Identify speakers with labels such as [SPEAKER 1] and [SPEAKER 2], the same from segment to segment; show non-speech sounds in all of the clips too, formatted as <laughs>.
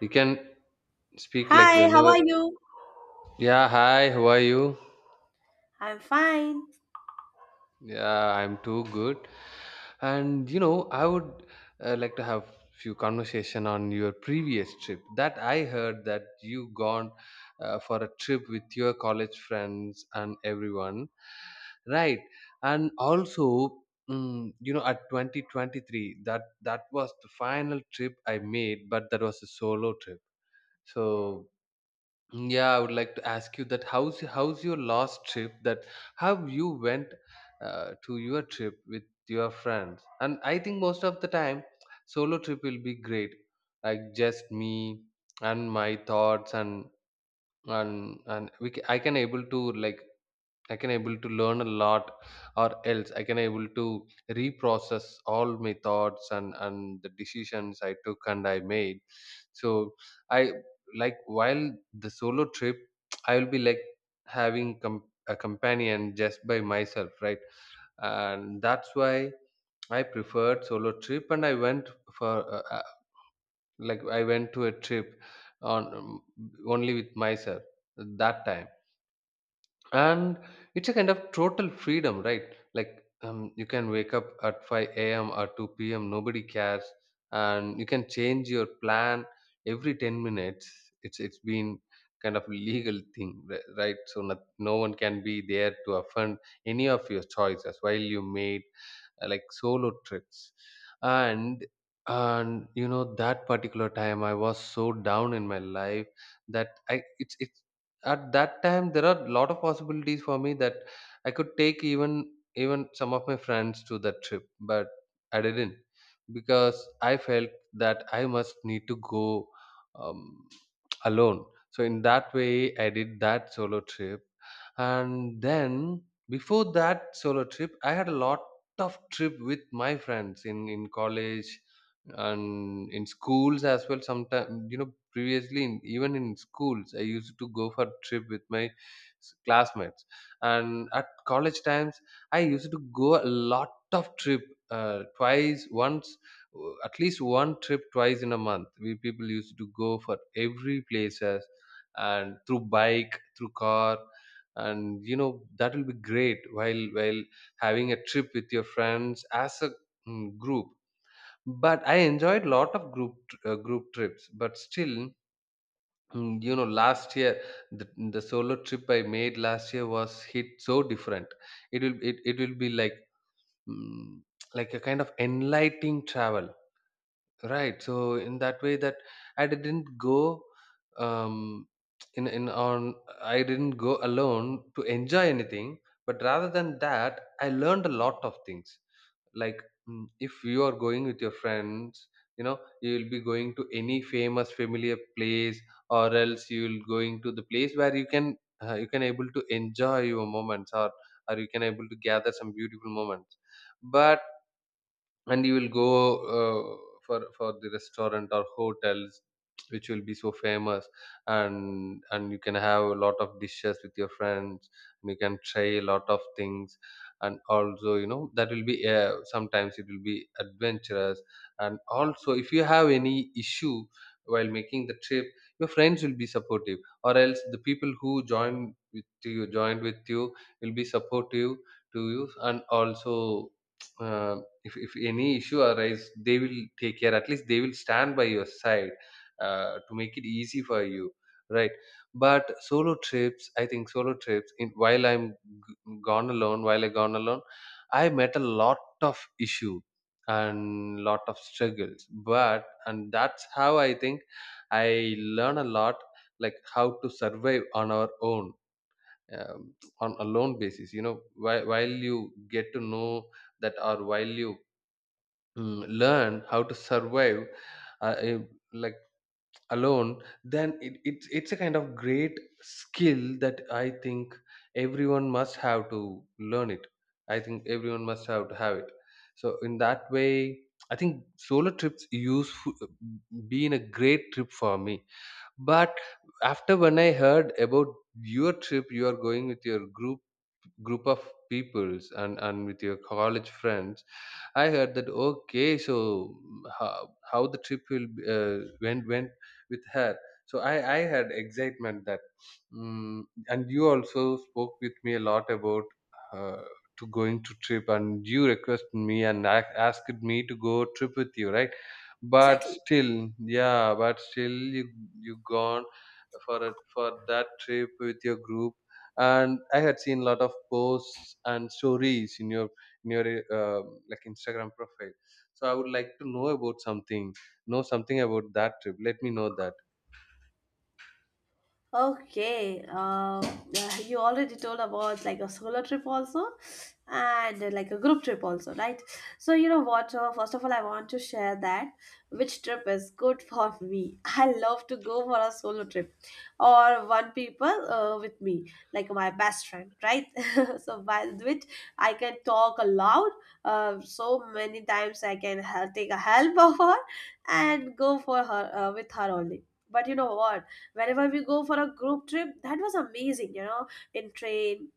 [SPEAKER 1] You can speak like
[SPEAKER 2] Hi, how
[SPEAKER 1] whenever.
[SPEAKER 2] are you?
[SPEAKER 1] Yeah, hi, how are you?
[SPEAKER 2] I'm fine.
[SPEAKER 1] Yeah, I'm too good. And I would like to have few conversation on your previous trip. That I heard that you gone for a trip with your college friends and everyone, right? And also, at 2023, that was the final trip I made, but that was a solo trip. So, yeah, I would like to ask you, that how's your last trip, that how you went to your trip with your friends? And I think most of the time, solo trip will be great, like just me and my thoughts, and we ca I can able to learn a lot, or else I can able to reprocess all my thoughts, and the decisions I took and I made. So, I like, while the solo trip, <tsk> I will be like having a companion just by myself, right? And that's why I preferred solo trip, and I went for uh, uh, like, I went to a trip on only with myself that time. And it's a kind of total freedom, right? You can wake up at 5 a.m or 2 p.m, nobody cares, and you can change your plan every 10 minutes. It's been kind of legal thing, right, so not, no one can be there to offend any of your choices while you made like solo trips. And and that particular time I was so down in my life, that I it's at that time there are a lot of possibilities for me, that I could take, even some of my friends to that trip, but I didn't, because I felt that I must need to go um, alone. So in that way I did that solo trip. And then before that solo trip I had a lot of trip with my friends, in college and in schools as well. Sometimes, previously even in schools I used to go for trip with my classmates. And at college times I used to go a lot of trip, twice, once, at least one trip twice in a month. We people used to go for every places, and through bike, through car. And that will be great while having a trip with your friends as a group. But I enjoyed lot of group group trips, but still, last year, the, the solo trip I made last year was hit so different. It will be like, mm, like a kind of enlightening travel. Right. So in that way that I didn't go um in in on I didn't go alone to enjoy anything, but rather than that, I learned a lot of things. Like, if you are going with your friends, you will be going to any famous familiar place, or else you will going to the place where you can, able to enjoy your moments, or you can able to gather some beautiful moments. But and you will go, uh, for the restaurant or hotels, which will be so famous, and you can have a lot of dishes with your friends, and you can try a lot of things. And also, that will be, sometimes it will be adventurous. And also, if you have any issue while making the trip, your friends will be supportive, or else the people who join with you joined with you will be supportive to you. And also <tsk> uh, if any issue arise, they will take care, at least they will stand by your side, to make it easy for you, right? But solo trips, I think solo trips, while g- I gone alone, I met a lot of issue and lot of struggles. But and that's how I think I learn a lot, like how to survive on our own, um, on a lone basis. While you get to know that, or while you, learn how to survive, uh, eh, like alone, then it's a kind of great skill that I think everyone must have to learn it. I think everyone must have to have it. So in that way I think solo trips useful, been a great trip for me. But after, when I heard about your trip, you are going with your group group of peoples, and with your college friends, I heard that, okay, so, how the trip will be, went with her. So I had excitement that, mm and you also spoke with me a lot about, uh, to going to trip, and you requested me and asked me to go trip with you, right? But
[SPEAKER 2] Exactly.
[SPEAKER 1] still, yeah, but still you gone for for that trip with your group, and I had seen a lot of posts and stories in your, in your uh, like, Instagram profile. So I would like to know about something, know something about that trip. Let me know that.
[SPEAKER 2] Okay, yeah, you already told about like a solo trip also, and like a group trip also, right? So you know what? First of all, I want to share that which trip is good for me. <laughs> I love to go for a solo trip, or one people with me, like my best friend, right? <laughs> So by which I can talk aloud, so many times I can help, take a help <laughs> of her, and go for her with her only. But you know what? Whenever we go for a group trip that was amazing. In train,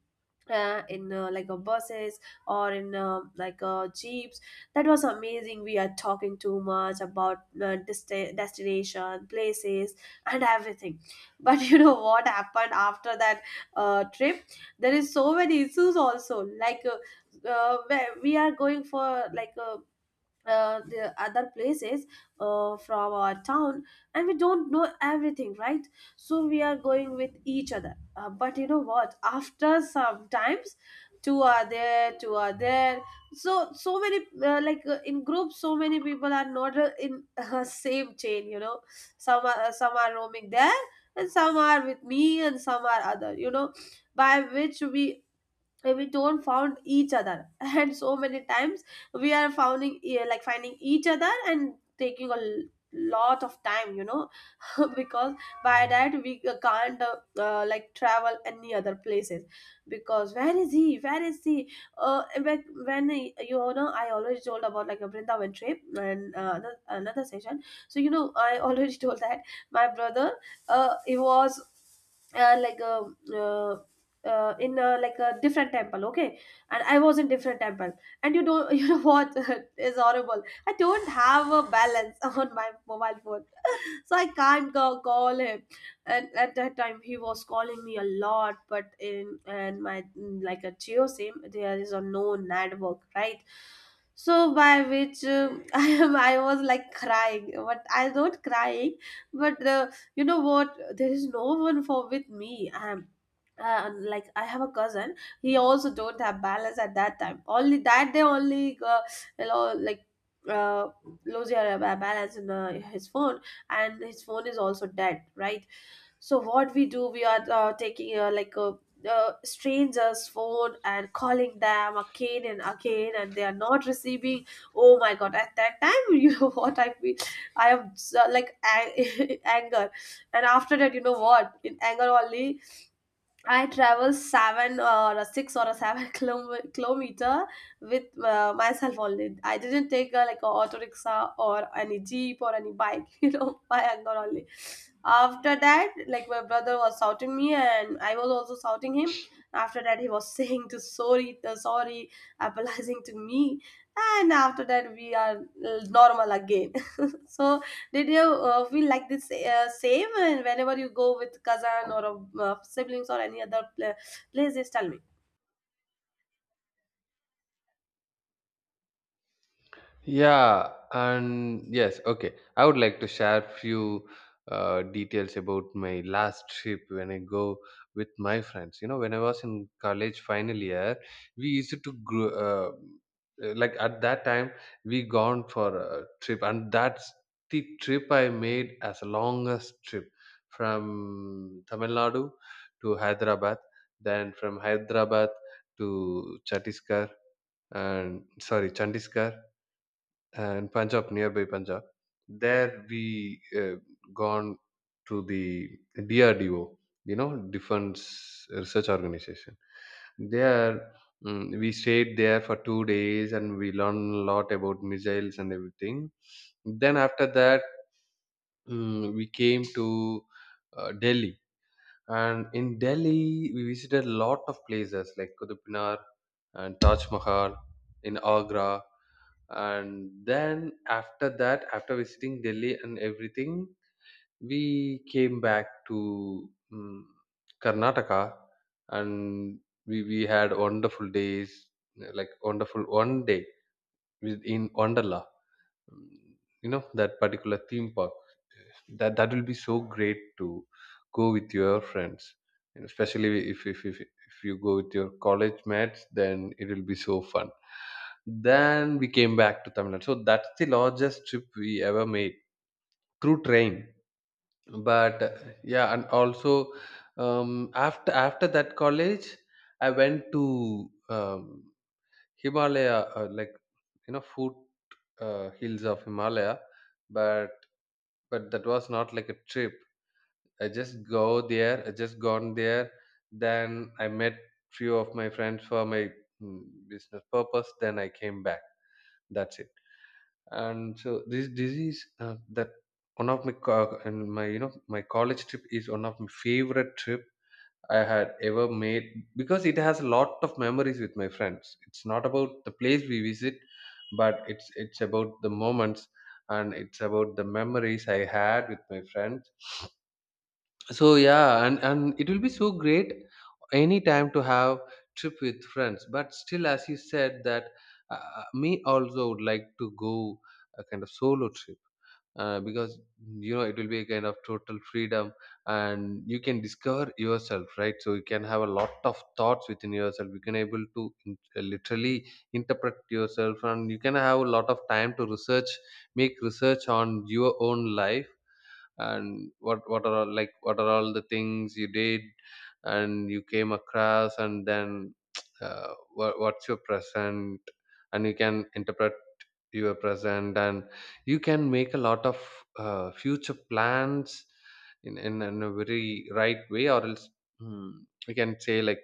[SPEAKER 2] in like a buses, or in like jeeps, that was amazing. We are talking too much about destination places and everything. <laughs> But you know what happened after that trip? There is so many issues also, like where we are going for like a the other places, from our town, and we don't know everything, right? So we are going with each other, but you know what, after sometimes two are there, two are there. So many like in groups, so many people are not in <laughs> same chain, you know. Some are some are roaming there, and some are with me and some are other. By which we don't found each other, <laughs> and so many times we are like finding each other and taking a lot of time. <laughs> Because by that we can't like travel any other places, because where is he, where is he, you know I already told about like a vrindavan trip and another session. So you know I already <laughs> told that my brother, he was like a uh, in a, like a different temple, okay? And I was in different temple. And you don't <laughs> you know what, <laughs> is horrible, I don't have a balance <laughs> on my mobile phone, so I can't go call him. And at that time he was calling me a lot, but in and my like a geo sim there is a no network, right? So by which, <laughs> I was like crying, but I not crying. But you know what, there is no one for with me. I am like I have a cousin, he also don't have balance at that time only, that day only. Like uh lose your balance in his phone, and his phone is also dead, right? So what we do, we are taking like a stranger's phone and calling them again and again and they are not receiving. Oh my god, at that time <laughs> you know what I feel, I am so, like <laughs> anger. And after that, you know what, in anger only I travel seven or a six or a seven <laughs> kilometer with myself only. I didn't take like a auto rickshaw or any jeep or any bike, <laughs> by anger only. After that, like my brother was shouting me and I was also shouting him. After that, he was <laughs> saying to sorry, apologizing to me, and after that we are normal again. So, did you feel like this same, and whenever you go with cousin or siblings or any other place? Just tell me.
[SPEAKER 1] Yeah, and yes, okay. I would like to share few details about my last trip when I go with my friends. When I was in college final year, we used to grow, like at that time we gone for a trip, and that's the trip I made as a longest trip, from Tamil Nadu to Hyderabad, then from Hyderabad to Chhattisgarh, and sorry, Chandigarh and Punjab, nearby Punjab. There we, gone to the DRDO, Defense Research Organization. There, we stayed there for 2 days, and we learned a lot about missiles and everything. Then after that, we came to Delhi. And in Delhi, we visited a lot of places like Qutub Minar and Taj Mahal in Agra. And then after that, after visiting Delhi and everything, we came back to Karnataka, and we had wonderful days, like wonderful one day in Wonderla. Mm, you know that particular theme park, that will be so great to go with your friends, and especially if you go with your college mates, then it will be so fun. Then we came back to Tamil Nadu. So that's the largest trip we ever made, through train. But yeah, and also, after that college I went to, um, Himalaya, like, foot hills of Himalaya. But that was not like a trip. I just go there. I just gone there. Then I met few of my friends for my, mm, business purpose. Then I came back. That's it. And so this disease, that one of my and my my college trip is one of my favorite trip I had ever made, because it has a lot of memories with my friends. It's not about the place we visit, but it's about the moments, and it's about the memories I had with my friends. So yeah, and it will be so great any time to have trip with friends, but still, as you said that, me also would like to go a kind of solo trip, because it will be a kind of total freedom, and you can discover yourself, right? So you can have a lot of thoughts within yourself, you can able to, literally interpret yourself, and you can have a lot of time to research, make research on your own life, and what are all the things you did and you came across. And then <tsk> what's your present, and you can interpret your present, and you can make a lot of future plans, in a very right way, or else, mm, we can say, like,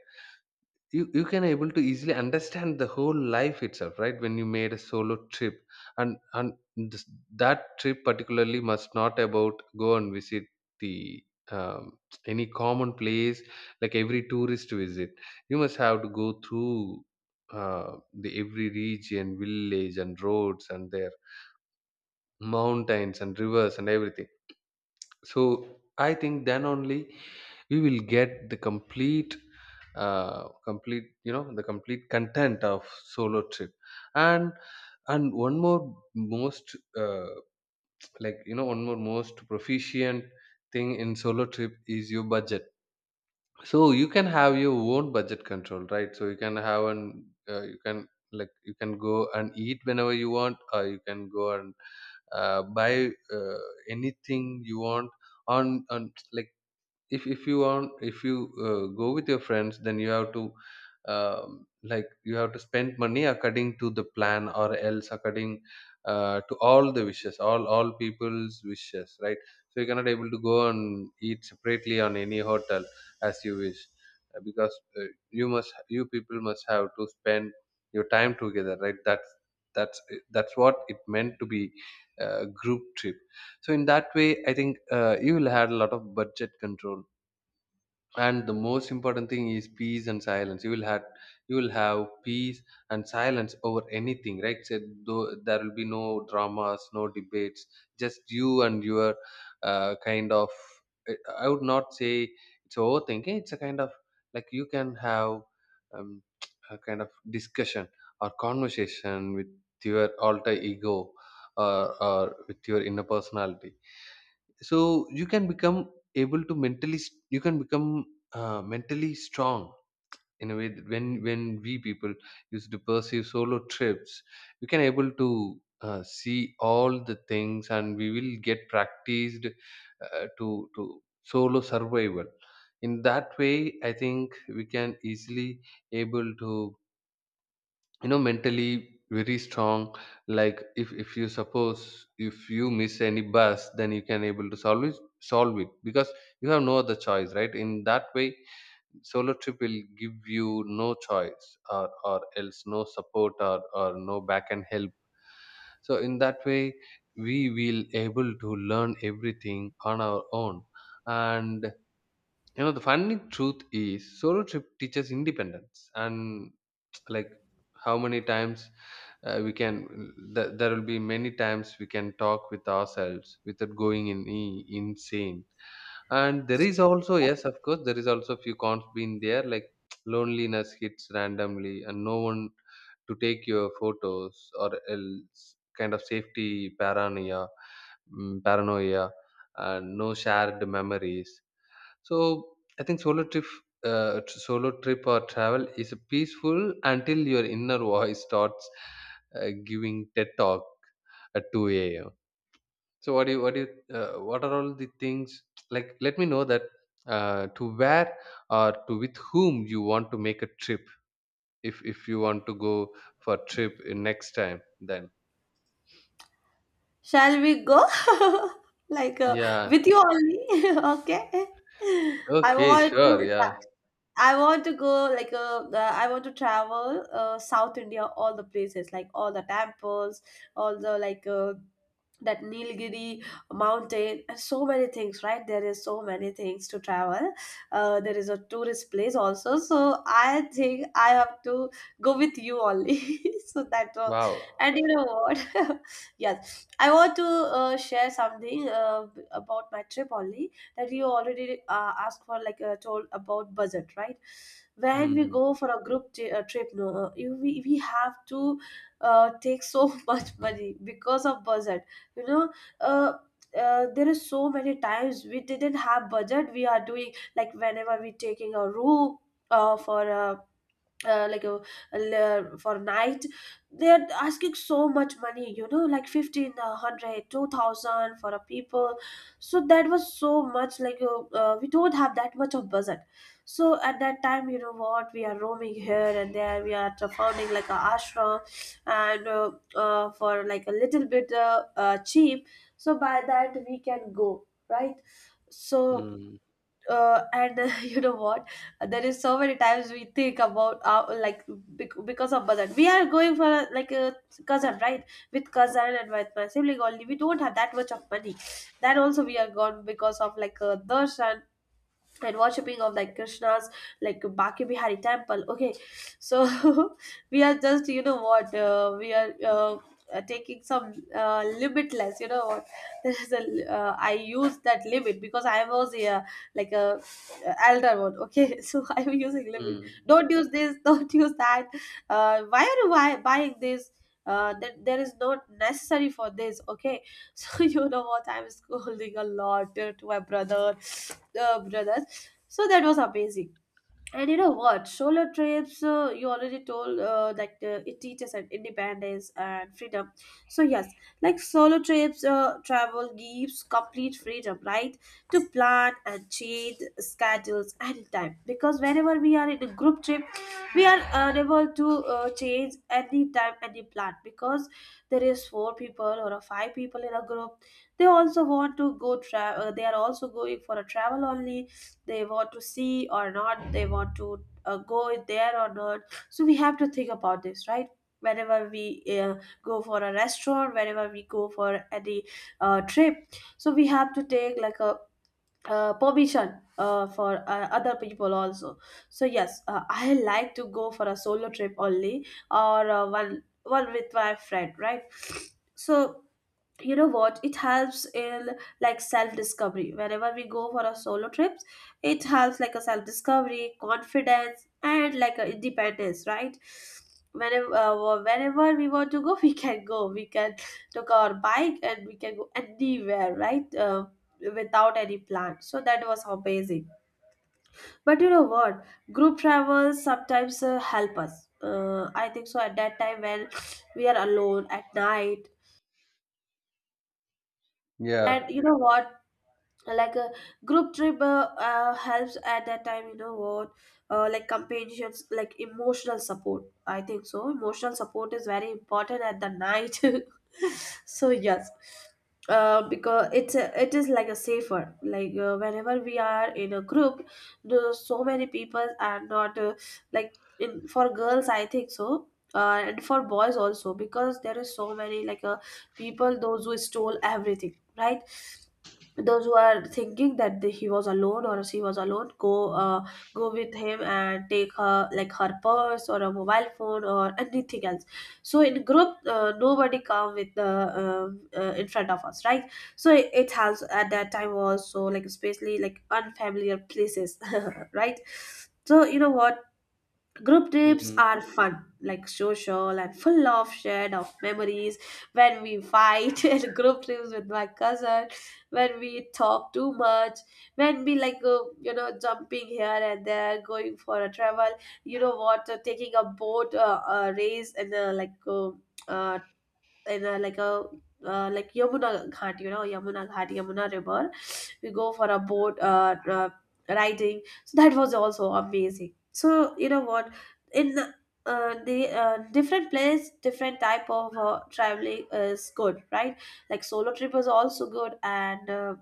[SPEAKER 1] you can able to easily understand the whole life itself, right, when you made a solo trip. And this, that trip particularly must not about go and visit the, um, any common place, like every tourist visit. You must have to go through the every region, village, and roads, and their mountains and rivers and everything. So I think then only we will get the complete, complete you know the complete content of solo trip. And and one more most proficient thing in solo trip is your budget. So you can have your own budget control, right? So you can have an, you can go and eat whenever you want, or you can go and buy anything you want, on like, if you want, if you Go with your friends, then you have to like you have to spend money according to the plan, or else according to all the wishes, all people's wishes, right? So you cannot able to go and eat separately on any hotel as you wish. Because uh, you must, you people must have to spend your time together, right? That's that's that's what it meant to be a group trip. So in that way I think you will have a lot of budget control. And the most important thing is peace and silence. You will have, you will have peace and silence over anything, right? So though there will be no dramas, no debates, just you and your kind of, I would not say it's overthinking, it's a kind of, like you can have um, <tsk> a kind of discussion or conversation with your alter ego, or, or with your inner personality. So you can become able to mentally you can become mentally strong in a way that when we people used to pursue solo trips, we can able to see all the things and we will get practiced to solo survival. In that way, I think we can easily able to, you know, mentally very strong. Like if you suppose, if you miss any bus, then you can able to solve it because you have no other choice, right? In that way, solo trip will give you no choice or else no support or no back and help. So in that way, we will able to learn everything on our own. And you know, the funny truth is solo trip teaches independence. And like, how many times we can, there will be many times we can talk with ourselves without going in, insane. And there is also, yes of course, there is also few cons been there, like <tsk> loneliness hits randomly and no one to take your photos, or else kind of safety paranoia, paranoia, and no shared memories. So I think solo trip, solo trip or travel is peaceful until your inner voice starts giving TED talk at 2 a.m. So what do you, what are all the things like? Let me know that to where or to with whom you want to make a trip. If you want to go for trip in next time, then
[SPEAKER 2] Shall we go? <laughs> Like
[SPEAKER 1] yeah,
[SPEAKER 2] with you only? <laughs> Okay. I
[SPEAKER 1] okay,
[SPEAKER 2] want
[SPEAKER 1] sure,
[SPEAKER 2] to. Yeah,
[SPEAKER 1] yeah,
[SPEAKER 2] I want to go like I want to travel South India, all the places, like all the temples, all the like that Nilgiri mountain and so many things, right? There is so many things to travel, there is a tourist place also, so I think I have to go with you only. <laughs> So that was.
[SPEAKER 1] wow,
[SPEAKER 2] And you know what, <laughs> yes I want to share something about my trip only, that you already asked for, like told about budget, right? When we
[SPEAKER 1] mm,
[SPEAKER 2] go for a group trip, no we have to take so <laughs> much money because of budget, you know uh, there is so many times we didn't have budget. We are doing like whenever we taking a room, for a like a, for night, they're asking so much money like 15 a hundred, 2,000 for a people. So that was so much, like we don't have that much of budget. So at that time, you know what, we are roaming here and there, we are founding like a ashram and for like a little bit cheap, so by that we can go, right? So
[SPEAKER 1] mm,
[SPEAKER 2] and <laughs> you know what, there is so many times we think about our, like, because of budget, we are going for a, like a cousin, right? With cousin and with my sibling only, we don't have that much of money. That also we are gone because of like a darshan and worshipping of like krishna's, like baki bihari temple, okay? So <laughs> we are just, you know what, we are taking some limitless, you know what, <laughs> there is a I use that limit because I was a like a elder one, okay? <laughs> So I'm using limit,
[SPEAKER 1] mm,
[SPEAKER 2] don't use this, <laughs> don't use that, why are you buying this, that there is not necessary for this, okay? <laughs> So you know what, I'm scolding a lot to my brother, brothers. So that was amazing. And you know what? Solo trips, you already told that it teaches an independence and freedom. So, yes, like solo trips, travel gives complete freedom, right? To plan and change schedules anytime. Because whenever we are in a group trip, we are unable to change anytime, any plan. Because there is four people or a five people in a group. They also want to go travel. They are also going for a travel only. They want to see or not, they want to go there or not, so we have to think about this, right? Whenever we go for a restaurant, whenever we go for any trip, so we have to take like a permission for other people also. So yes, I like to go for a solo trip only, or one with my friend, right? So you know what, it helps in like self discovery. Whenever we go for a solo trips, it helps like a self discovery, confidence, and like a independence, right? Whenever we want to go, <laughs> we can take our bike and we can go anywhere, right? Without any plan, so that was amazing. But you know what, group travels sometimes help us, I think so, at that time when we are alone at night.
[SPEAKER 1] yeah.
[SPEAKER 2] And you know what, like a group trip helps at that time, you know what, like companions, like emotional support, I think so. Emotional support is very important at the night. <laughs> So yes, because it is like a safer, like whenever we are in a group, so many people are not like, in for girls I think so, and for boys also. Because there is so many like people those who stole everything, right? Those who are thinking that, he was alone or she was alone, go with him and take her, like her purse or a mobile phone or anything else. So in group nobody come with the in front of us, right? So it has at that time was so like, especially like unfamiliar places. <laughs> Right? So you know what, group trips
[SPEAKER 1] Mm.
[SPEAKER 2] are fun, like social and full of shared of memories. When we fight <laughs> in group trips with my cousin, when we talk too much, when we like go, jumping here and there, going for a travel. You know what? Taking a boat race uh, in a like Yamuna Ghat, you know, Yamuna Ghat, Yamuna River, we go for a boat riding, so that was also amazing. So you know what, in the different place, different type of traveling is good, right? Like solo trip is also good, and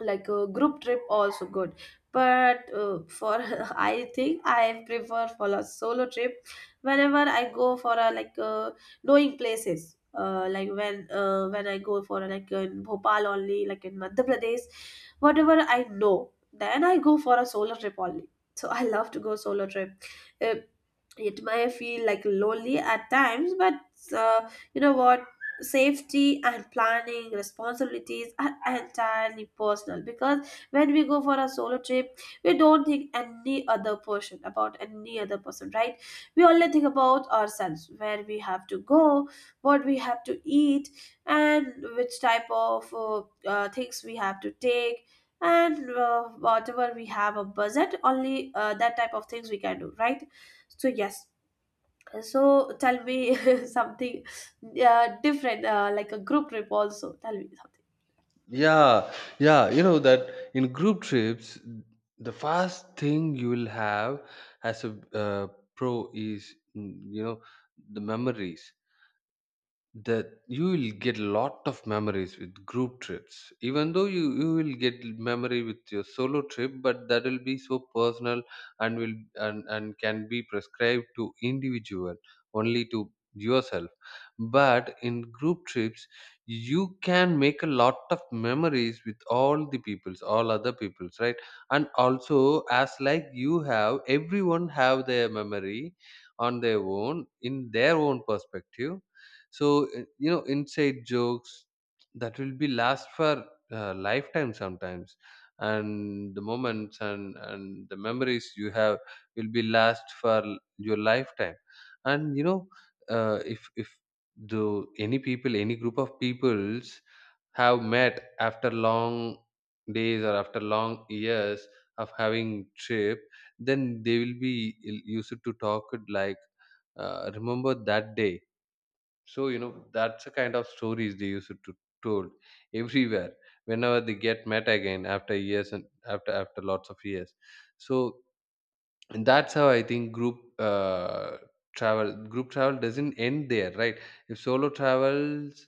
[SPEAKER 2] like a group trip also good, but for <laughs> I think I prefer for a solo trip. Whenever I go for a knowing places, like when I go for a, like in Bhopal only, like in Madhya Pradesh, whatever I know, then I go for a solo trip only. So <laughs> I love to go solo trip. Uh, it may feel like lonely at times, but you know what, safety and planning responsibilities are entirely personal, because when we go for a solo trip, we don't think any other person, about any other person, right? We only think about ourselves, where we have to go, what we have to eat, and which type of things we have to take, and whatever we have a budget only, that type of things we can do, right? So yes, so tell me <laughs> something different, like a group trip also. Tell me something.
[SPEAKER 1] Yeah, yeah, you know that in group trips, the first thing you will have as a pro is, mm, you know, the memories, that you will get lot of memories with group trips. Even though you will get memory with your solo trip, but that will be so personal and will, and can be prescribed to individual, only to yourself. But in group trips, you can make a lot of memories with all the peoples, all other peoples, right? And also as like, you have everyone have their memory on their own, in their own perspective. So you know, inside jokes, that will be last for lifetime sometimes. And the moments and the memories you have will be last for your lifetime. And you know, if the any people, any group of peoples, have met after long days or after long years of having trip, then they will be, used to talk it like, remember that day. So you know, that's the kind of stories they used to told everywhere whenever they get met again after years and after, after lots of years. So, and that's how I think group travel, group travel doesn't end there, right? If solo travels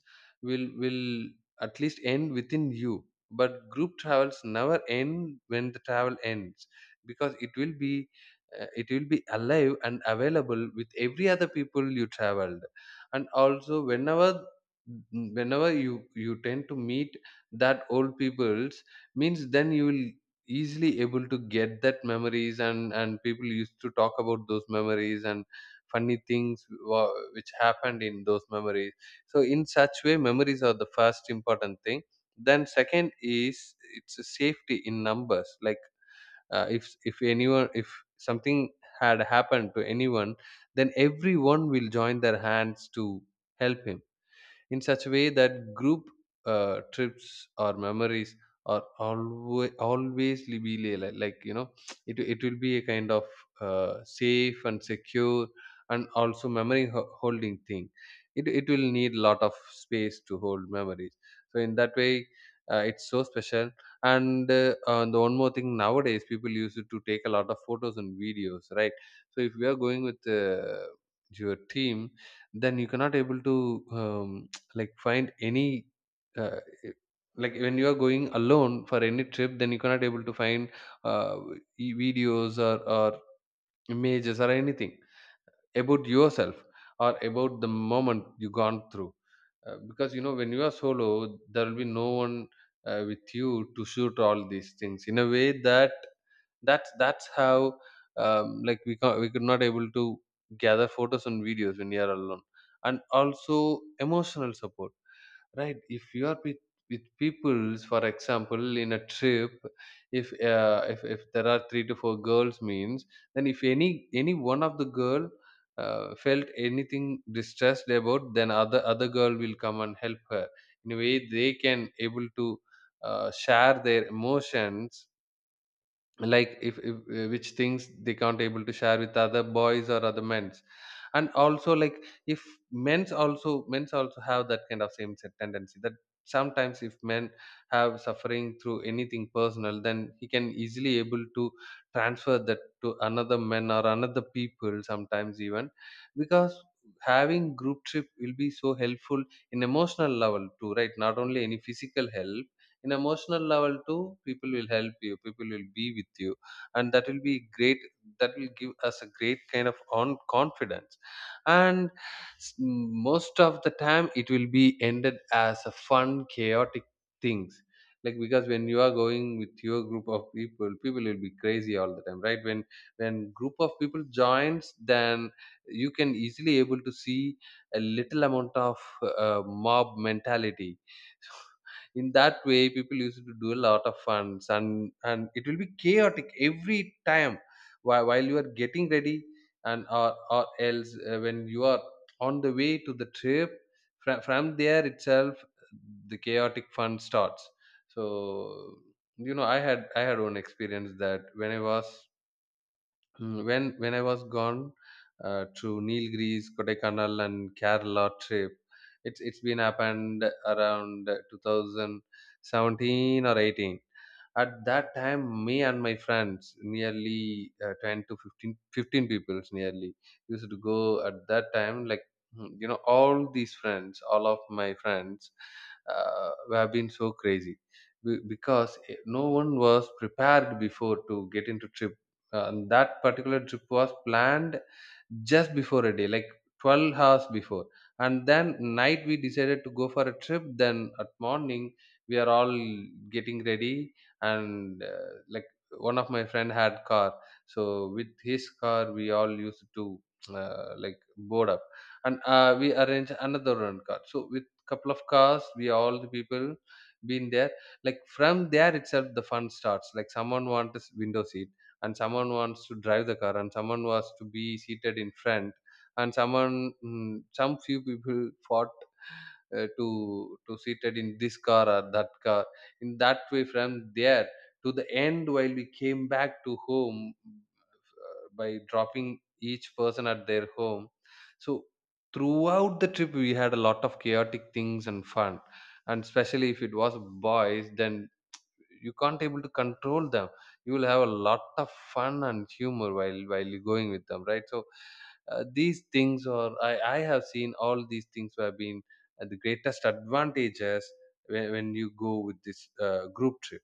[SPEAKER 1] will at least end within you, but group travels never end when the travel ends, because it will be, it will be alive and available with every other people you traveled. And also, whenever, whenever you, you tend to meet that old peoples, means then you will easily able to get that memories, and people used to talk about those memories and funny things which happened in those memories. So in such way, memories are the first important thing. Then second is, it's a safety in numbers. Like if anyone, if something had happened to anyone, then everyone will join their hands to help him, in such a way that group trips or memories are always, like you know, it will be a kind of safe and secure, and also memory holding thing. It will need a lot of space to hold memories. So in that way, it's so special. And the one more thing, nowadays people used to take a lot of photos and videos, right? So if you are going with your team, then you cannot able to um, like find any uh, like, when you are going alone for any trip, then you cannot able to find uh, videos, or images or anything about yourself, or about the moment you gone through, because you know, when you are solo, there will be no one with you to shoot all these things. In a way that, that's how, like we can, we could not able to gather photos and videos when you are alone. And also emotional support, right? If you are with peoples, for example in a trip, if if there are three to four girls means, then if any, any one of the girl felt anything distressed about, then other, other girl will come and help her, in a way they can able to share their emotions. Like if, if which things they can't able to share with other boys or other men's. And also, like if men's also, men's also have that kind of same set tendency, that sometimes if men have suffering through anything personal, then he can easily able to transfer that to another men or another people sometimes, even. Because having group trip will be so helpful in emotional level too, right? Not only any physical help, in emotional level too, people will help you, people will be with you, and that will be great. That will give us a great kind of on confidence. And s- most of the time, it will be ended as a fun chaotic things. Like because when you are going with your group of people, people will be crazy all the time, right? When group of people joins, then you can easily able to see a little amount of uh, mob mentality. In that way, people used to do a lot of funs, and it will be chaotic every time, while you are getting ready, and or else when you are on the way to the trip, from there itself the chaotic fun starts. So you know, I had one experience that when I was, mm, when I was gone to Nilgiris, Kodaikanal, and Kerala trip. It's been happened around 2017 or 18. At that time, me and my friends, nearly 10 to fifteen people nearly, used to go at that time. Like, mm, you know, all these friends, all of my friends, have been so crazy. Because, eh, no one was prepared before to get into trip. And that particular trip was planned just before a day, like 12 hours before. And then night we decided to go for a trip. Then at morning we are all getting ready. And like, one of my friend had car, so with his car we all used to like board up. And we arrange another run car, so with couple of cars we all the people been there. Like from there itself, the fun starts. Like someone wants window seat, and someone wants to drive the car, and someone wants to be seated in front, and someone, mm, some few people fought to seated in this car or that car. In that way, from there to the end, while we came back to home by dropping each person at their home. So throughout the trip, we had a lot of chaotic things and fun. And especially if it was boys, then you can't able to control them. You will have a lot of fun and humor while you going with them, right? So these things, or I have seen all these things have been the greatest advantages when you go with this group trip.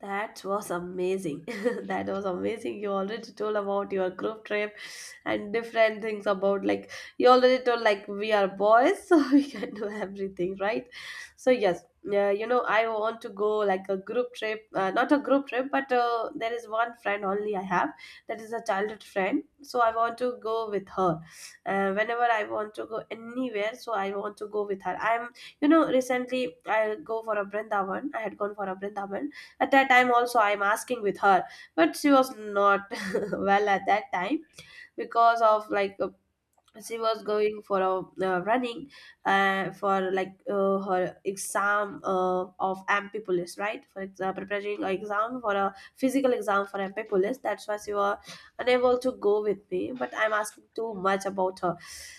[SPEAKER 2] That was amazing. <laughs> That was amazing. You already told about your group trip and different things about, like, you already told like we are boys, <laughs> so we can do everything, right? So yes, you know, I want to go like a group trip, not a group trip, but there is one friend only I have, that is a childhood friend. So I want to go with her. Whenever I want to go anywhere, so I want to go with her. I'm, you know, recently I go for a Brindavan. I had gone for a Brindavan at that time, also, I'm asking with her, but she was not <laughs> well at that time, because of like, she was going for a running, for like her exam of MP police, right, for preparing an exam for a physical exam for MP police, that's why she was unable to go with me, but I'm asking too much about her.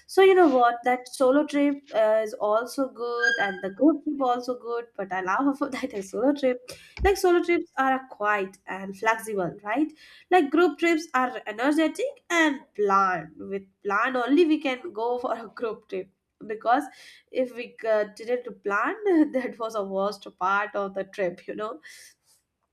[SPEAKER 2] So you know what, that solo trip is also good and the group trip also good, but I love her for <laughs> that as solo trip. Like solo trips are quiet and flexible, right? Like group trips are energetic and planned, with plan only we can go for a group trip. Because if we didn't plan, <laughs> that was a worst part of the trip, you know,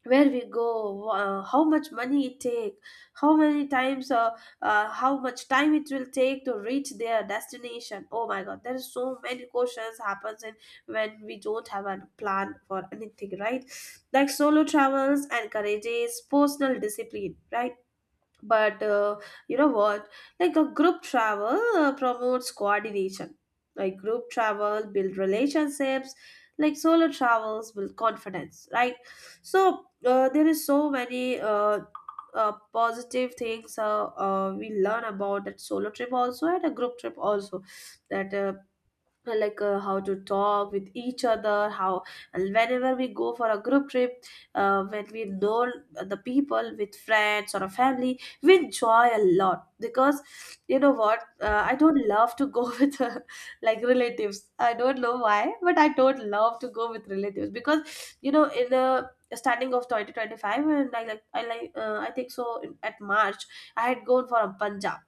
[SPEAKER 2] where we go, how much money it take, how many times how much time it will take to reach their destination. Oh my god, there is so many questions happens in, when we don't have a plan for anything, right? Like solo travels encourages personal discipline, right? But you know what, like a group travel promotes coordination, like group travel build relationships, like solo travels build confidence, right? So there is so many positive things we learn about, that solo trip also and a group trip also. That how to talk with each other, how, and whenever we go for a group trip, when we know the people with friends or a family, we enjoy a lot. Because you know what, I don't love to go <laughs> with like relatives. I don't know why, but I don't love to go with relatives, because you know, in the starting of 2025, and I like, I like I think so in, at March, I had gone for a Punjab.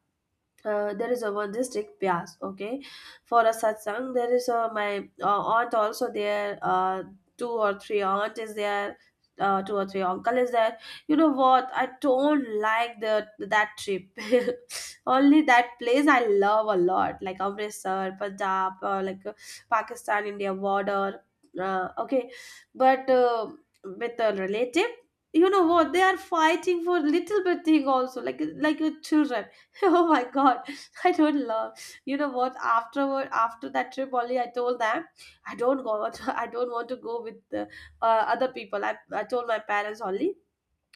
[SPEAKER 2] There is a one, Vandistic bias, okay, for a satsang. There is a, my aunt also there, two or three aunt is there, two or three uncle is there. You know what? I don't like the that trip. <laughs> Only that place I love a lot, like Amritsar, Punjab, Pakistan India border. Okay, but with a relative. You know what? They are fighting for little bit thing also, like a children. <laughs> Oh my god, I don't love. You know what? Afterward, after that trip, only I told them I don't go. <laughs> I don't want to go with the, other people. I told my parents only.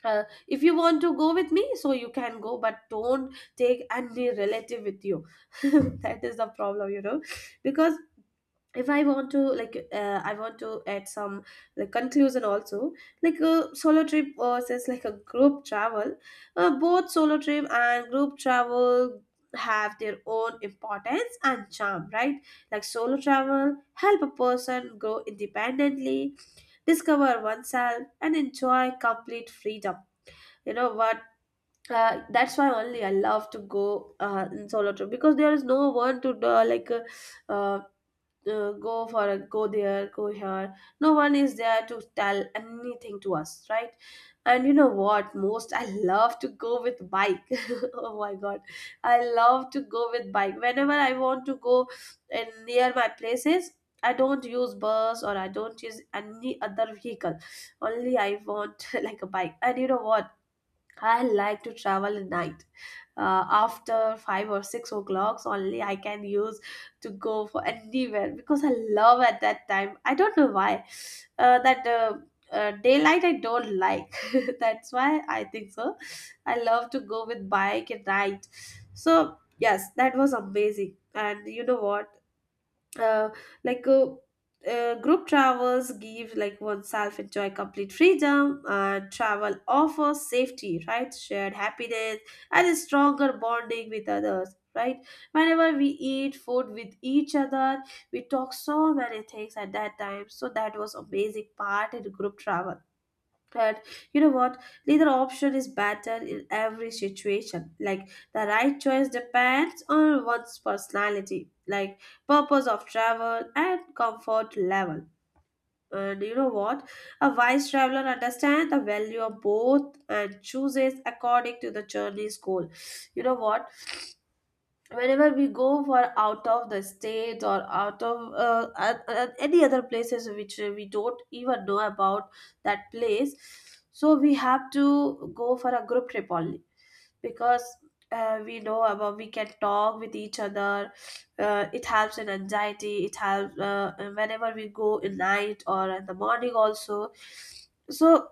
[SPEAKER 2] If you want to go with me, so you can go, but don't take any relative with you. <laughs> That is the problem, you know, because if I want to I want to add some like conclusion also, like a solo trip versus like a group travel. Both solo trip and group travel have their own importance and charm, right? Like solo travel help a person grow independently, discover oneself and enjoy complete freedom. You know what, that's why only I love to go in solo trip, because there is no one to uh, go for a, go there, go here, no one is there to tell anything to us, right? And you know what, most I love to go with bike. <laughs> Oh my god, I love to go with bike. Whenever I want to go in near my places, I don't use bus, or I don't use any other vehicle, only I want <laughs> like a bike. And you know what, I like to travel at night. After five or six o'clocks only I can use to go for anywhere, because I love at that time. I don't know why. That daylight I don't like. <laughs> That's why I think so. I love to go with bike at night. So yes, that was amazing. And you know what, uh, like uh, group travels give like oneself enjoy complete freedom, and travel offers safety, right, shared happiness and a stronger bonding with others, right? Whenever we eat food with each other, we talk so many things at that time, so that was amazing part in group travel. But you know what? Neither option is better in every situation. Like, the right choice depends on one's personality, like purpose of travel and comfort level. And you know what? A wise traveler understands the value of both and chooses according to the journey's goal. You know what? Whenever we go for out of the state or out of at any other places which we don't even know about that place, so we have to go for a group trip only. Because we know about, we can talk with each other, it helps in anxiety, it helps whenever we go in night or in the morning also. So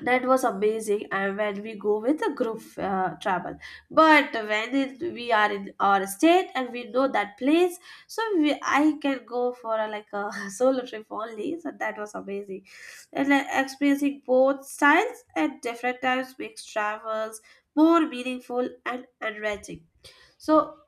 [SPEAKER 2] that was amazing, and when we go with a group travel. But when it, we are in our state and we know that place, so we, I can go for a, like a <laughs> solo trip only, so that was amazing. And experiencing both styles at different times makes travels more meaningful and enriching. So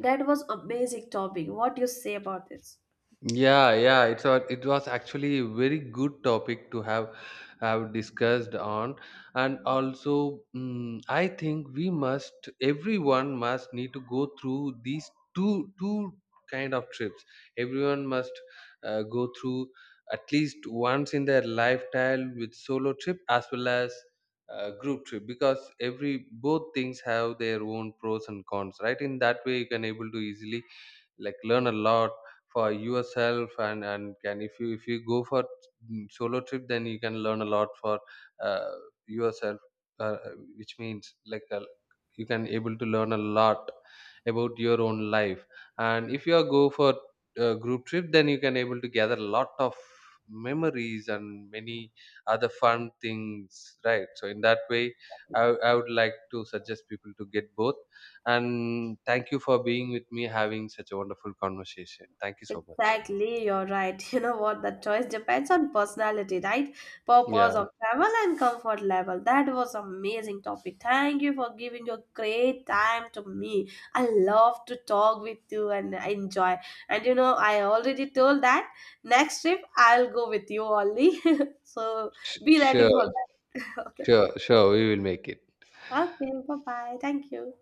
[SPEAKER 2] that was amazing topic, what do you say about this?
[SPEAKER 1] Yeah, yeah, it's a, it was actually a very good topic to have discussed on. And also, mm, I think we must, everyone must need to go through these two kind of trips. Everyone must go through at least once in their lifetime with solo trip as well as group trip, because every both things have their own pros and cons. Right, in that way you can able to easily like learn a lot for yourself. And can, if you, if you go for, mm, solo trip, then you can learn a lot for uh, yourself. uh, which means, like you can able to learn a lot about your own life. And if you are go for a group trip, then you can able to gather a lot of memories and many other fun things, right? So in that way, I would like to suggest people to get both. And thank you for being with me, having such a wonderful conversation. Thank you so much.
[SPEAKER 2] Exactly, you're right. <laughs> You know what? The choice depends on personality, right? Purpose of
[SPEAKER 1] Yeah,
[SPEAKER 2] travel and comfort level. That was amazing topic. Thank you for giving your great time to me. I love to talk with you and I enjoy. And you know, I already told that next trip I'll go with you only. <laughs> So be ready
[SPEAKER 1] sure,
[SPEAKER 2] for that. <laughs> Okay.
[SPEAKER 1] sure, sure. We will make it.
[SPEAKER 2] Okay, bye bye. Thank you.